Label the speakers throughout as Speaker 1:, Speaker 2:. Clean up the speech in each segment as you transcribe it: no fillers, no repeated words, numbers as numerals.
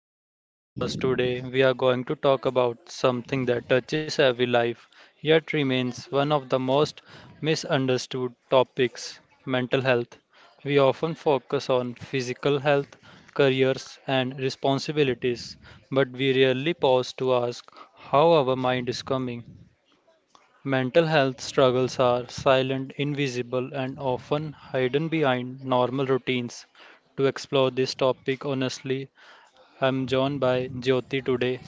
Speaker 1: back to the podcast. Today we are going to talk about something that touches every life yet remains one of the most misunderstood topics, mental health. We often focus on physical health, careers, and responsibilities, but we rarely pause to ask how our mind is coming. Mental health struggles are silent, invisible, and often hidden behind normal routines. To explore this topic honestly, I'm joined by Jyoti today.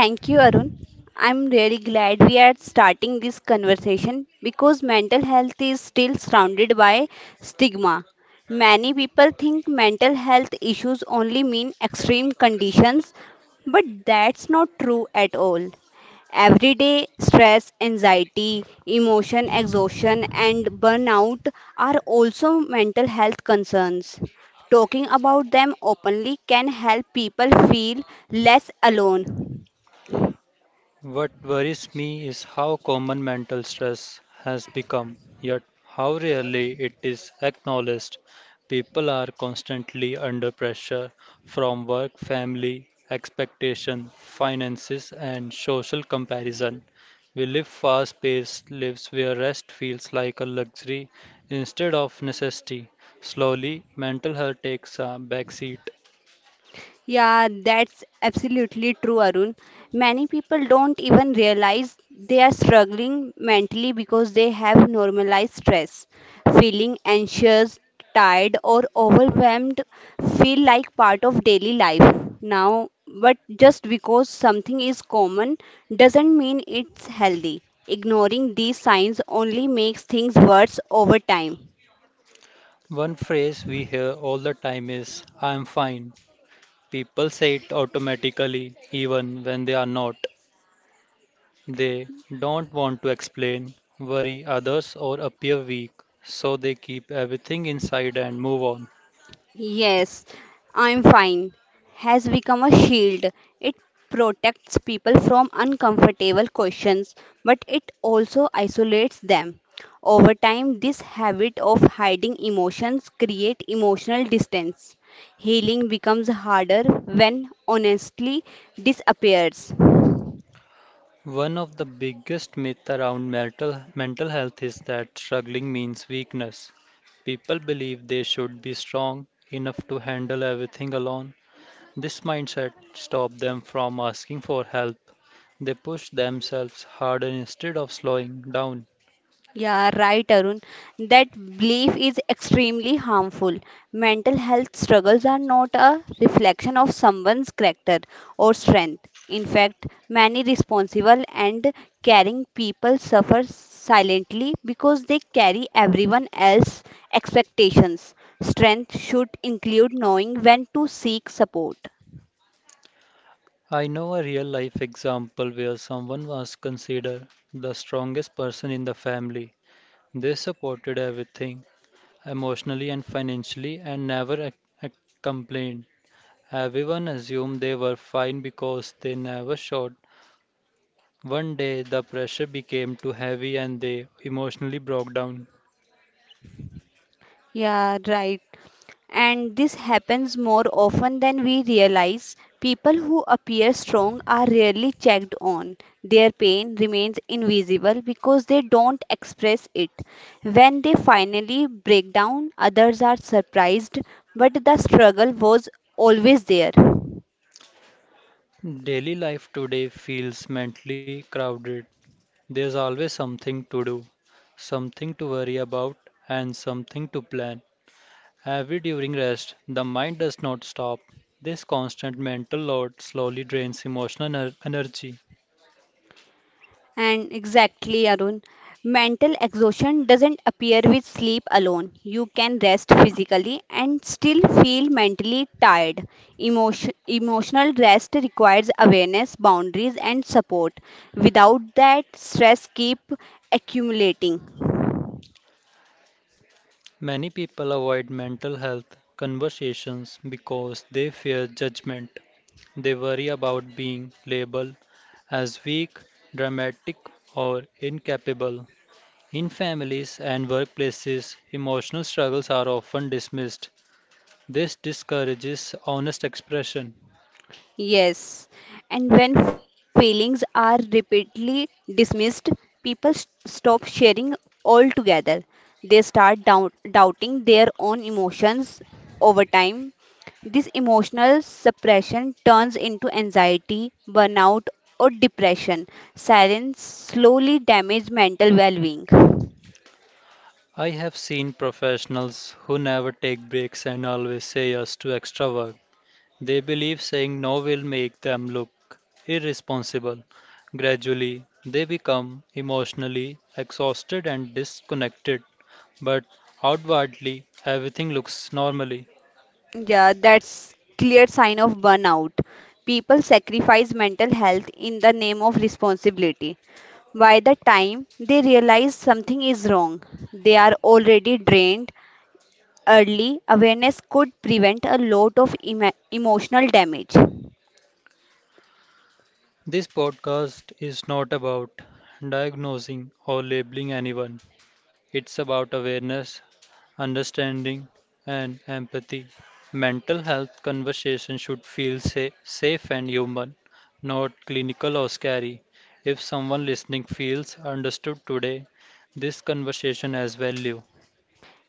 Speaker 2: Thank you, Arun. I'm really glad we are starting this conversation because mental health is still surrounded by stigma. Many people think mental health issues only mean extreme conditions, but that's not true at all. Everyday stress, anxiety, emotion, exhaustion, and burnout are also mental health concerns. Talking about them openly can help people feel less alone.
Speaker 1: What worries me is how common mental stress has become, yet how rarely it is acknowledged. People are constantly under pressure from work, family, expectation, finances, and social comparison. We live fast paced lives where rest feels like a luxury instead of necessity. Slowly, mental health takes a backseat.
Speaker 2: Yeah, that's absolutely true, Arun. Many people don't even realize they are struggling mentally because they have normalized stress. Feeling anxious, tired, or overwhelmed feel like part of daily life now, but just because something is common doesn't mean it's healthy. Ignoring these signs only makes things worse over time.
Speaker 1: One phrase we hear all the time is, I am fine. People say it automatically, even when they are not. They don't want to explain, worry others, or appear weak, so they keep everything inside and move on.
Speaker 2: Yes, I'm fine. Has become a shield. It protects people from uncomfortable questions, but it also isolates them. Over time, this habit of hiding emotions create emotional distance. Healing becomes harder when honestly disappears.
Speaker 1: One of the biggest myths around mental health is that struggling means weakness. People believe they should be strong enough to handle everything alone. This mindset stops them from asking for help. They push themselves harder instead of slowing down.
Speaker 2: Yeah, right, Arun. That belief is extremely harmful. Mental health struggles are not a reflection of someone's character or strength. In fact, many responsible and caring people suffer silently because they carry everyone else's expectations. Strength should include knowing when to seek support. Yeah, right. And this happens more often than we realize. People who appear strong are rarely checked on. Their pain remains invisible because they don't express it. When they finally break down, others are surprised, but the struggle was always there. And exactly, Arun, mental exhaustion doesn't appear with sleep alone. You can rest physically and still feel mentally tired. Emotional rest requires awareness, boundaries, and support. Without that, stress keep accumulating. Yes, and when feelings are repeatedly dismissed, people stop sharing altogether. They start doubting their own emotions over time. This emotional suppression turns into anxiety, burnout, or depression. Silence slowly damages mental well being. Yeah, that's clear sign of burnout. People sacrifice mental health in the name of responsibility. By the time they realize something is wrong, they are already drained. Early awareness could prevent a lot of emotional damage.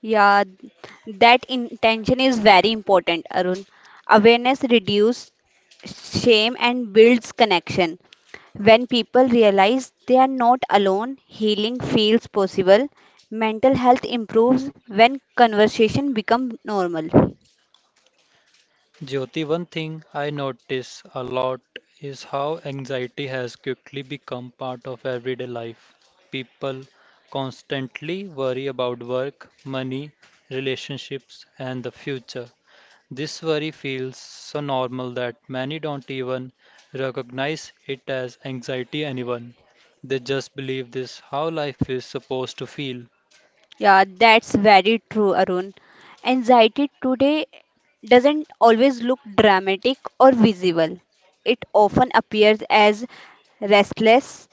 Speaker 2: Yeah, that intention is very important, Arun. Awareness reduces shame and builds connection. When people realize they are not alone, healing feels possible. Mental health improves when conversation becomes normal. Yeah, that's very true, Arun. Anxiety today doesn't always look dramatic or visible. It often appears as restless,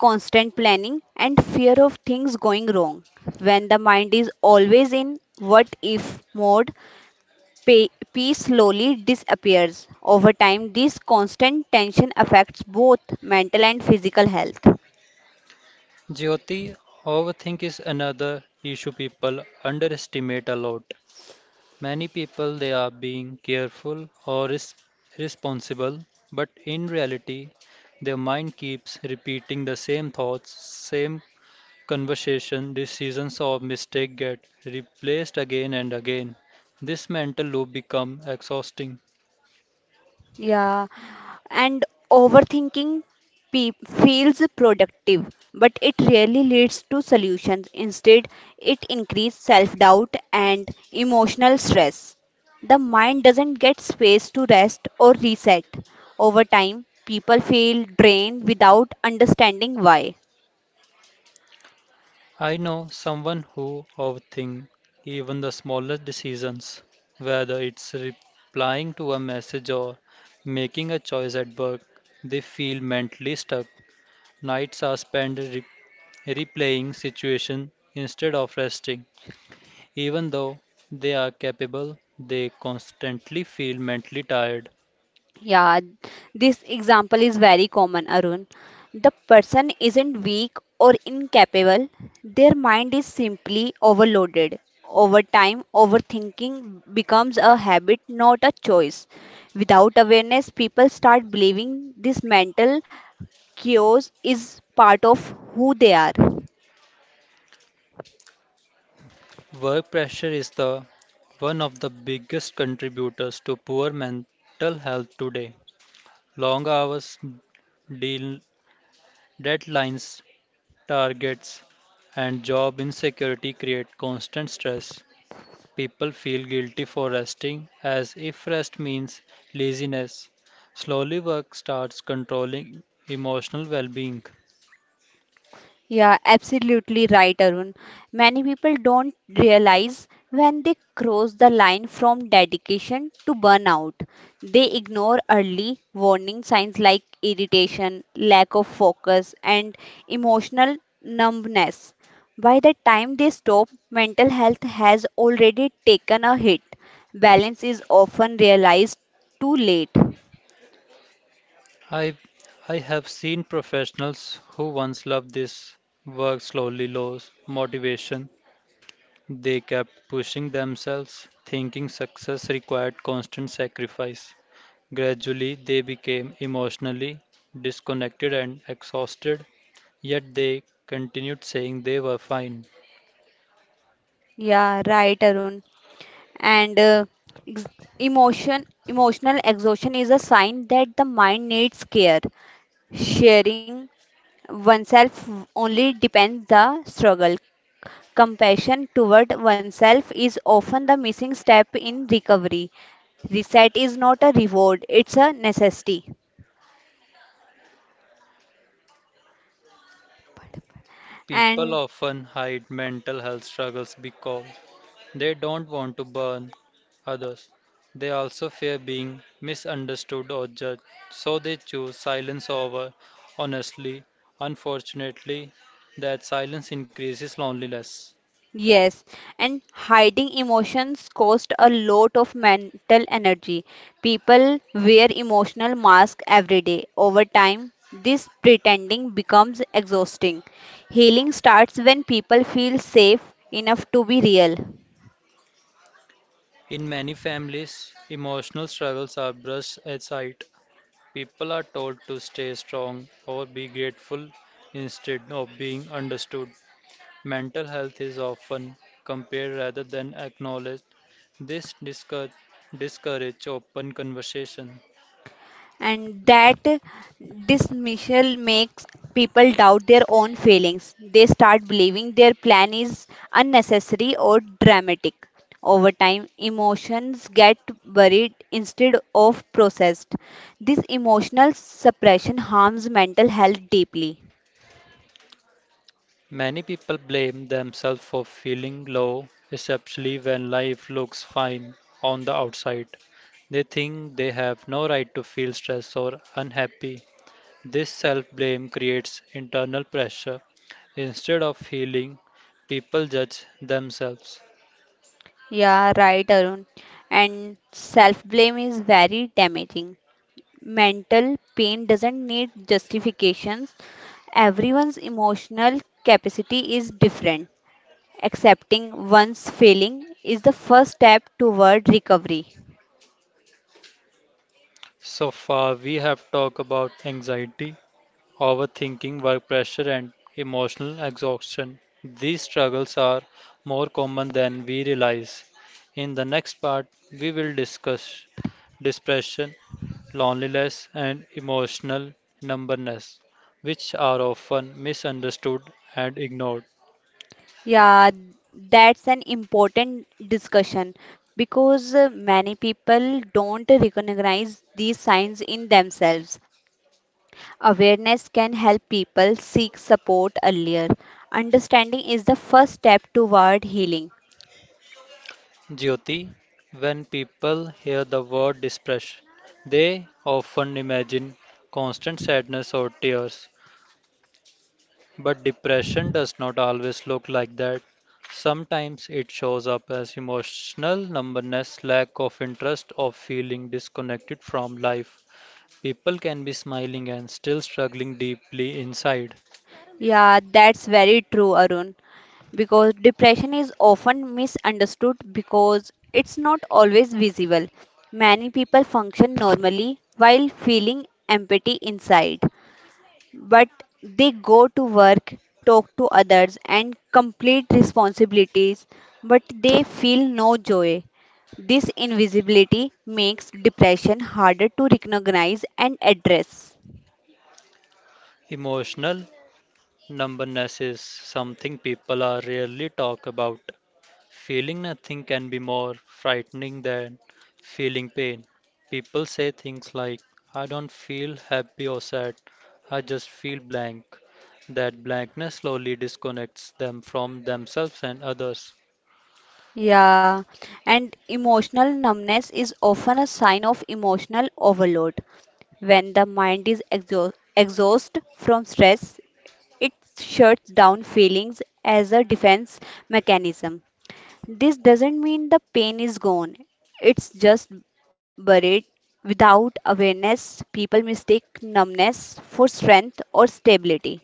Speaker 2: constant planning, and fear of things going wrong. When the mind is always in what if mode, peace slowly disappears. Over time, this constant tension affects both mental and physical health. Yeah, and overthinking pe- feels productive but it rarely leads to solutions instead it increases self-doubt and emotional stress the mind doesn't get space to rest or reset over time people feel drained without understanding why. Yeah, this example is very common, Arun. The person isn't weak or incapable, their mind is simply overloaded. Over time, overthinking becomes a habit, not a choice. Without awareness, people start believing this mental chaos is part of who they are. Yeah, absolutely right, Arun. Many people don't realize when they cross the line from dedication to burnout. They ignore early warning signs like irritation, lack of focus, and emotional numbness. By the time they stop, mental health has already taken a hit. Balance is often realized too late. Yeah, right, Arun. and uh, ex- emotion emotional exhaustion is a sign that the mind needs care sharing oneself only depends the struggle compassion toward oneself is often the missing step in recovery reset is not a reward it's a necessity and. Yes, and hiding emotions cost a lot of mental energy. People wear emotional masks every day. Over time, this pretending becomes exhausting. Healing starts when people feel safe enough to be real. And that dismissal makes people doubt their own feelings. They start believing their plan is unnecessary or dramatic. Over time, emotions get buried instead of processed. This emotional suppression harms mental health deeply. Yeah, right, Arun. And self blame is very damaging. Mental pain doesn't need justifications, everyone's emotional capacity is different. Accepting one's failing is the first step toward recovery. Yeah, that's an important discussion because many people don't recognize these signs in themselves. Awareness can help people seek support earlier. Understanding is the first step toward healing. Yeah, that's very true, Arun. Because depression is often misunderstood because it's not always visible. Many people function normally while feeling empathy inside, but they go to work, talk to others, and complete responsibilities, but they feel no joy. This invisibility makes depression harder to recognize and address. Yeah, and emotional numbness is often a sign of emotional overload. When the mind is exhausted from stress, it shuts down feelings as a defense mechanism. This doesn't mean the pain is gone, it's just buried. Without awareness, people mistake numbness for strength or stability.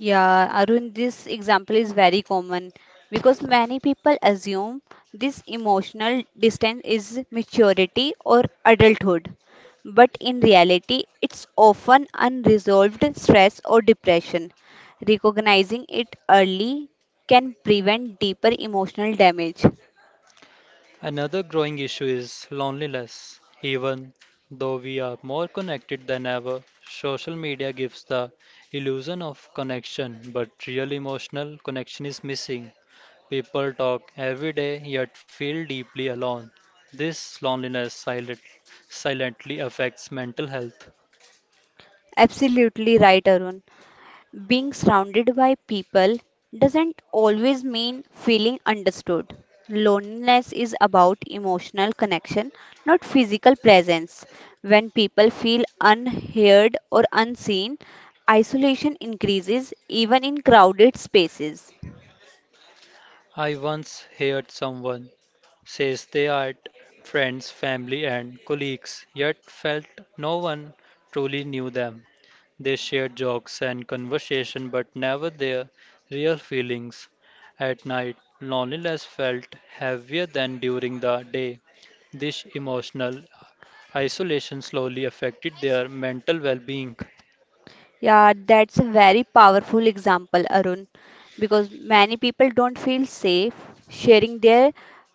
Speaker 2: Yeah, Arun, this example is very common because many people assume this emotional distance is maturity or adulthood. But in reality, it's often unresolved stress or depression. Recognizing it early can prevent deeper emotional damage. Absolutely right, Arun. Being surrounded by people doesn't always mean feeling understood. Loneliness is about emotional connection, not physical presence. When people feel unheard or unseen, isolation increases even in crowded spaces. Yeah, that's a very powerful example, Arun, because many people don't feel safe sharing their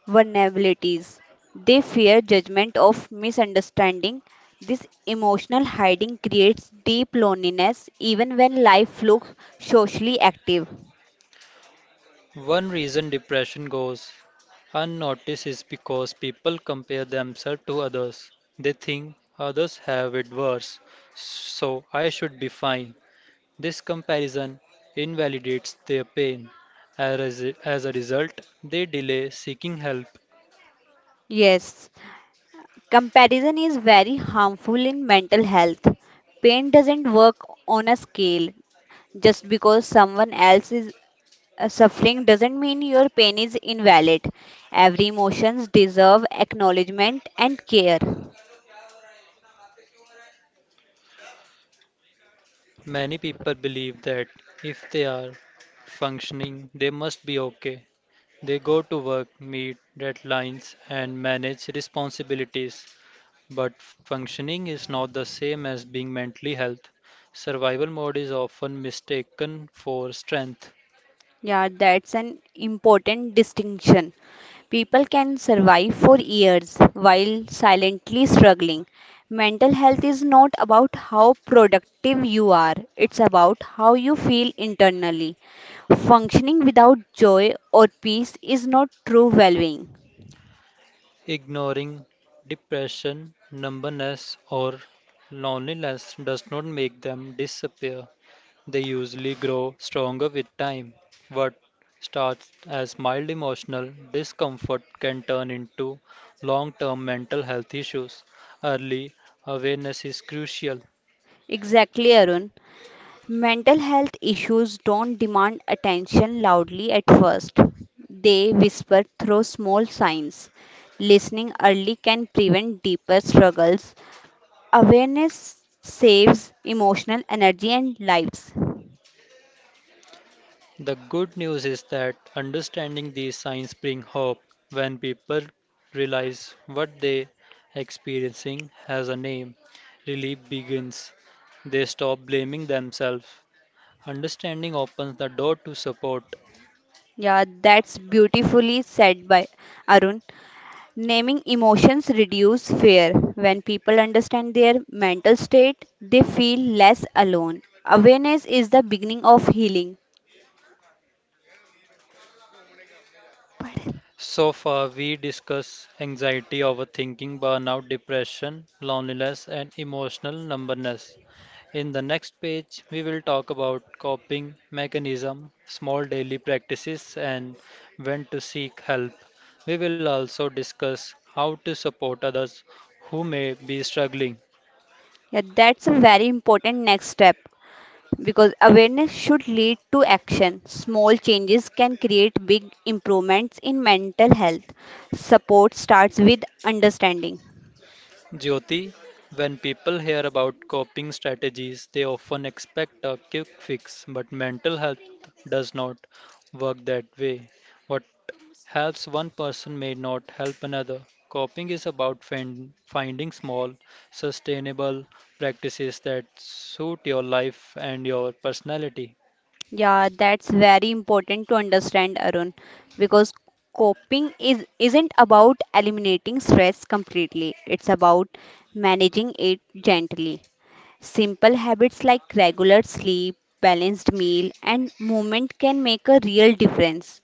Speaker 2: vulnerabilities. They fear judgment of misunderstanding. This emotional hiding creates deep loneliness even when life looks socially active. Yes, comparison is very harmful in mental health. Pain doesn't work on a scale just because someone else is. Suffering doesn't mean your pain is invalid. Every emotions deserve acknowledgement and care. Yeah, that's an important distinction. People can survive for years while silently struggling. Mental health is not about how productive you are, it's about how you feel internally. Functioning without joy or peace is not true well being. Exactly, Arun. Mental health issues don't demand attention loudly at first. They whisper through small signs. Listening early can prevent deeper struggles. Awareness saves emotional energy and lives. Yeah, that's beautifully said by Arun. Naming emotions reduce fear. When people understand their mental state, they feel less alone. Awareness is the beginning of healing. Yeah, that's a very important next step because awareness should lead to action. Small changes can create big improvements in mental health. Support starts with understanding. Yeah, that's very important to understand, Arun, because coping is isn't about eliminating stress completely. It's about managing it gently. Simple habits like regular sleep, balanced meal, and movement can make a real difference.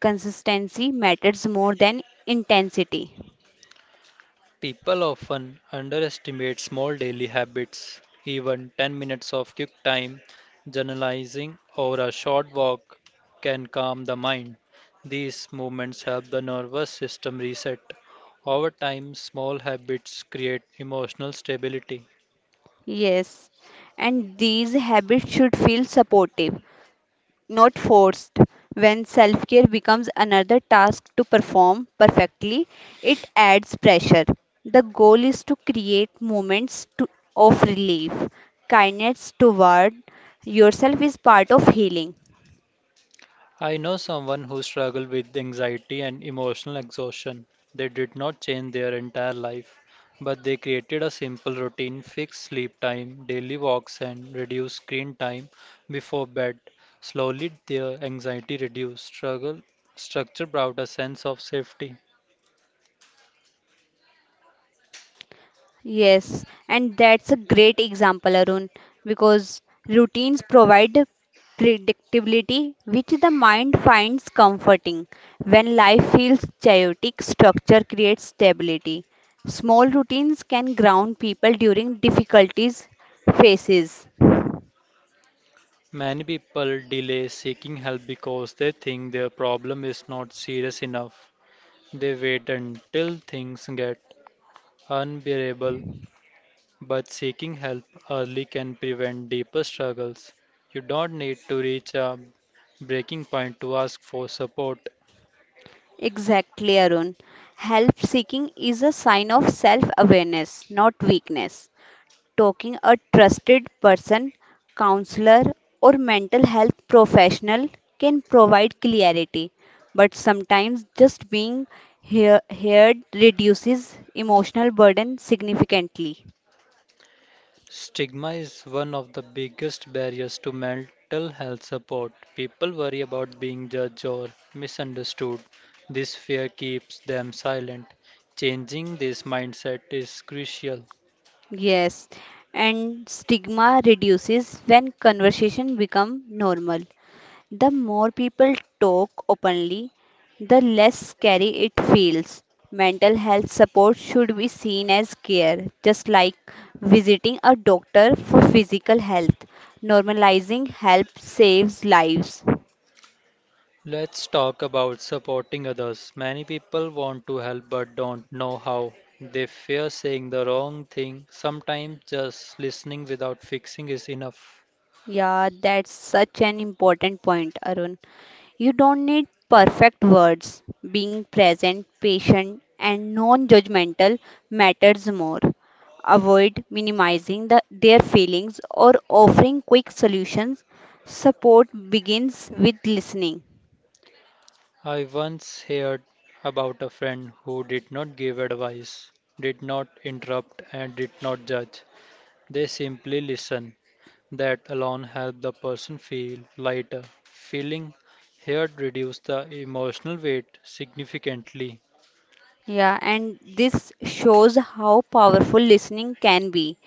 Speaker 2: Consistency matters more than intensity. Yes, and these habits should feel supportive, not forced. When self care becomes another task to perform perfectly, it adds pressure. The goal is to create moments to, of relief. Kindness toward yourself is part of healing. Yes, and that's a great example, Arun, because routines provide predictability, which the mind finds comforting. When life feels chaotic, structure creates stability. Small routines can ground people during difficulties phases. Exactly, Arun. Help seeking is a sign of self awareness, not weakness. Talking a trusted person, counselor, or mental health professional can provide clarity, but sometimes just being heard reduces emotional burden significantly. Yes, and stigma reduces when conversation become normal. The more people talk openly, the less scary it feels. Mental health support should be seen as care, just like visiting a doctor for physical health. Normalizing help saves lives. Yeah, that's such an important point, Arun. You don't need perfect words. Being present, patient, and non judgmental matters more. Avoid minimizing the, their feelings or offering quick solutions. Support begins with listening. Yeah, and this shows how powerful listening can be.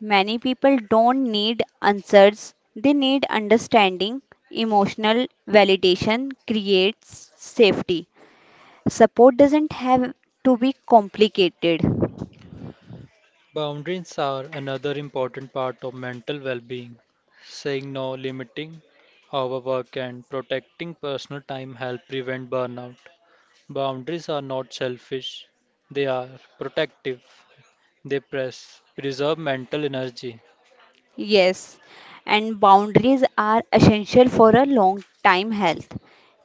Speaker 2: Many people don't need answers, they need understanding. Emotional validation creates safety. Support doesn't have to be complicated. Yes, and boundaries are essential for a long time health.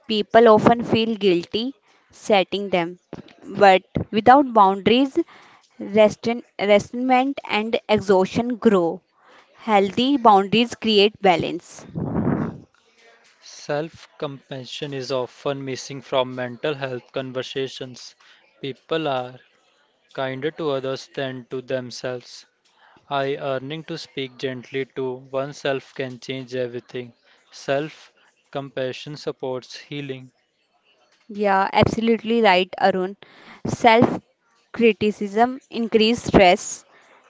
Speaker 2: People often feel guilty setting them, but without boundaries, resentment and exhaustion grow. Healthy boundaries create balance. Yeah, absolutely right, Arun. Self criticism increase stress,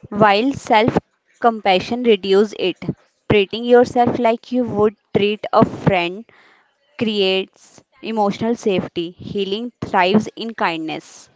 Speaker 2: while self compassion reduce it. Treating yourself like you would treat a friend creates emotional safety. Healing thrives in kindness.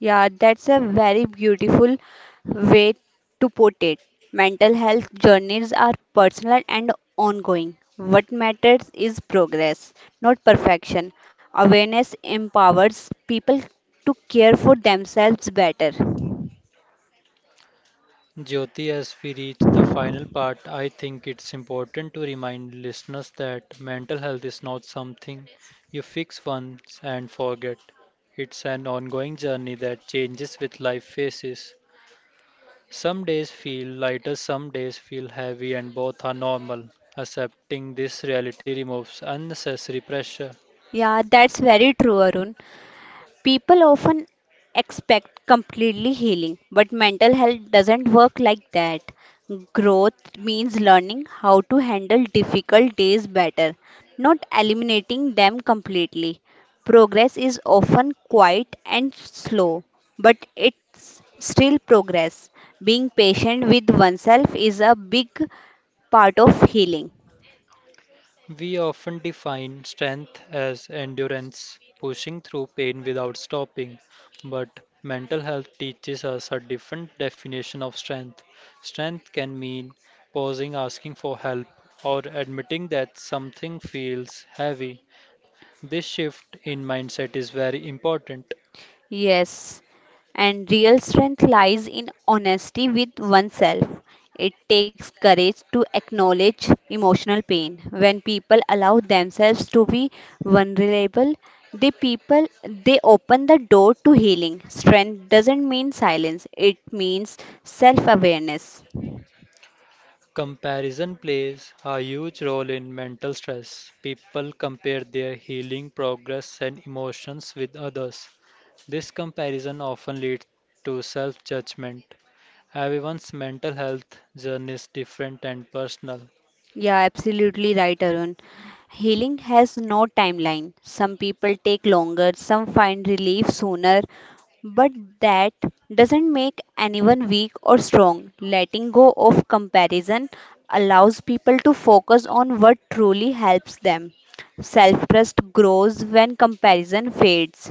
Speaker 2: Yeah, that's a very beautiful way to put it. Mental health journeys are personal and ongoing. What matters is progress, not perfection. Awareness empowers people to care for themselves better. Yeah, that's very true, Arun. People often expect completely healing, but mental health doesn't work like that. Growth means learning how to handle difficult days better, not eliminating them completely. Progress is often quiet and slow, but it's still progress. Being patient with oneself is a big part of healing. Yes, and real strength lies in honesty with oneself. It takes courage to acknowledge emotional pain. When people allow themselves to be vulnerable, they people they open the door to healing. Strength doesn't mean silence, it means self-awareness. Yeah, absolutely right, Arun. Healing has no timeline. Some people take longer, some find relief sooner, but that doesn't make anyone weak or strong. Letting go of comparison allows people to focus on what truly helps them. Self trust grows when comparison fades.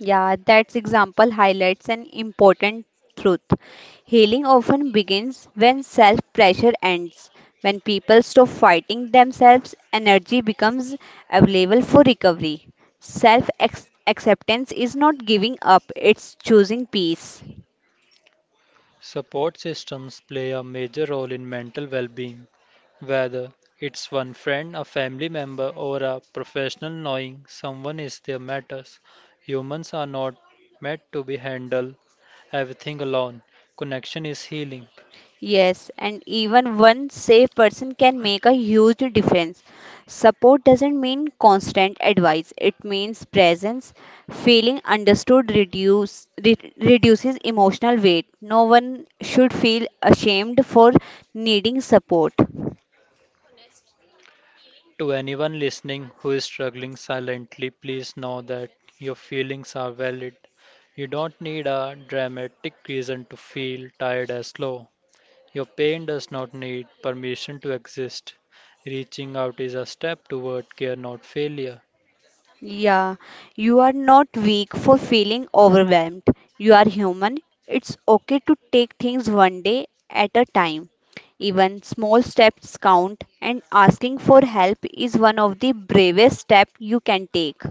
Speaker 2: Yeah, that example highlights an important truth. Healing often begins when self pressure ends. When people stop fighting themselves, energy becomes available for recovery. Self acceptance is not giving up, it's choosing peace. Yes, and even one safe person can make a huge difference. Support doesn't mean constant advice, it means presence. Feeling reduces emotional weight. No one should feel ashamed for needing support. Yeah, you are not weak for feeling overwhelmed. You are human. It's okay to take things one day at a time. Even small steps count, and asking for help is one of the bravest steps you can take.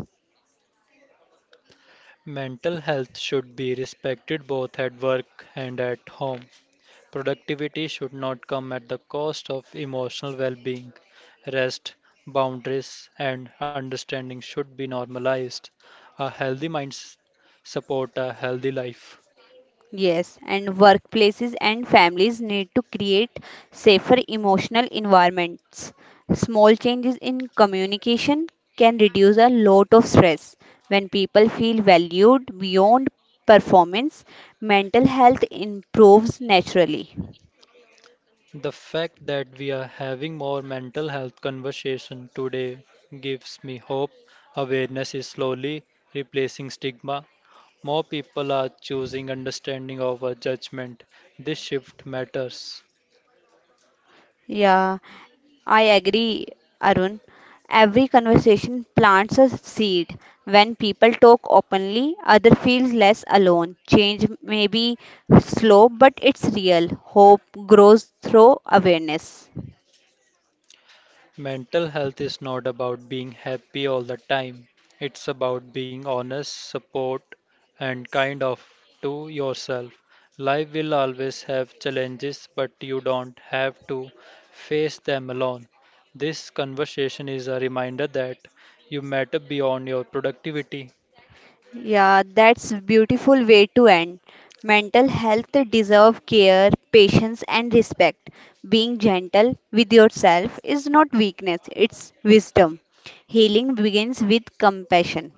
Speaker 2: Yes, and workplaces and families need to create safer emotional environments. Small changes in communication can reduce a lot of stress. When people feel valued beyond performance, mental health improves naturally. Yeah. I agree, Arun. Every conversation plants a seed. When people talk openly, other feels less alone. Change may be slow, but it's real. Hope grows through awareness. Yeah, that's a beautiful way to end. Mental health deserve care, patience and respect. Being gentle with yourself is not weakness, it's wisdom. Healing begins with compassion.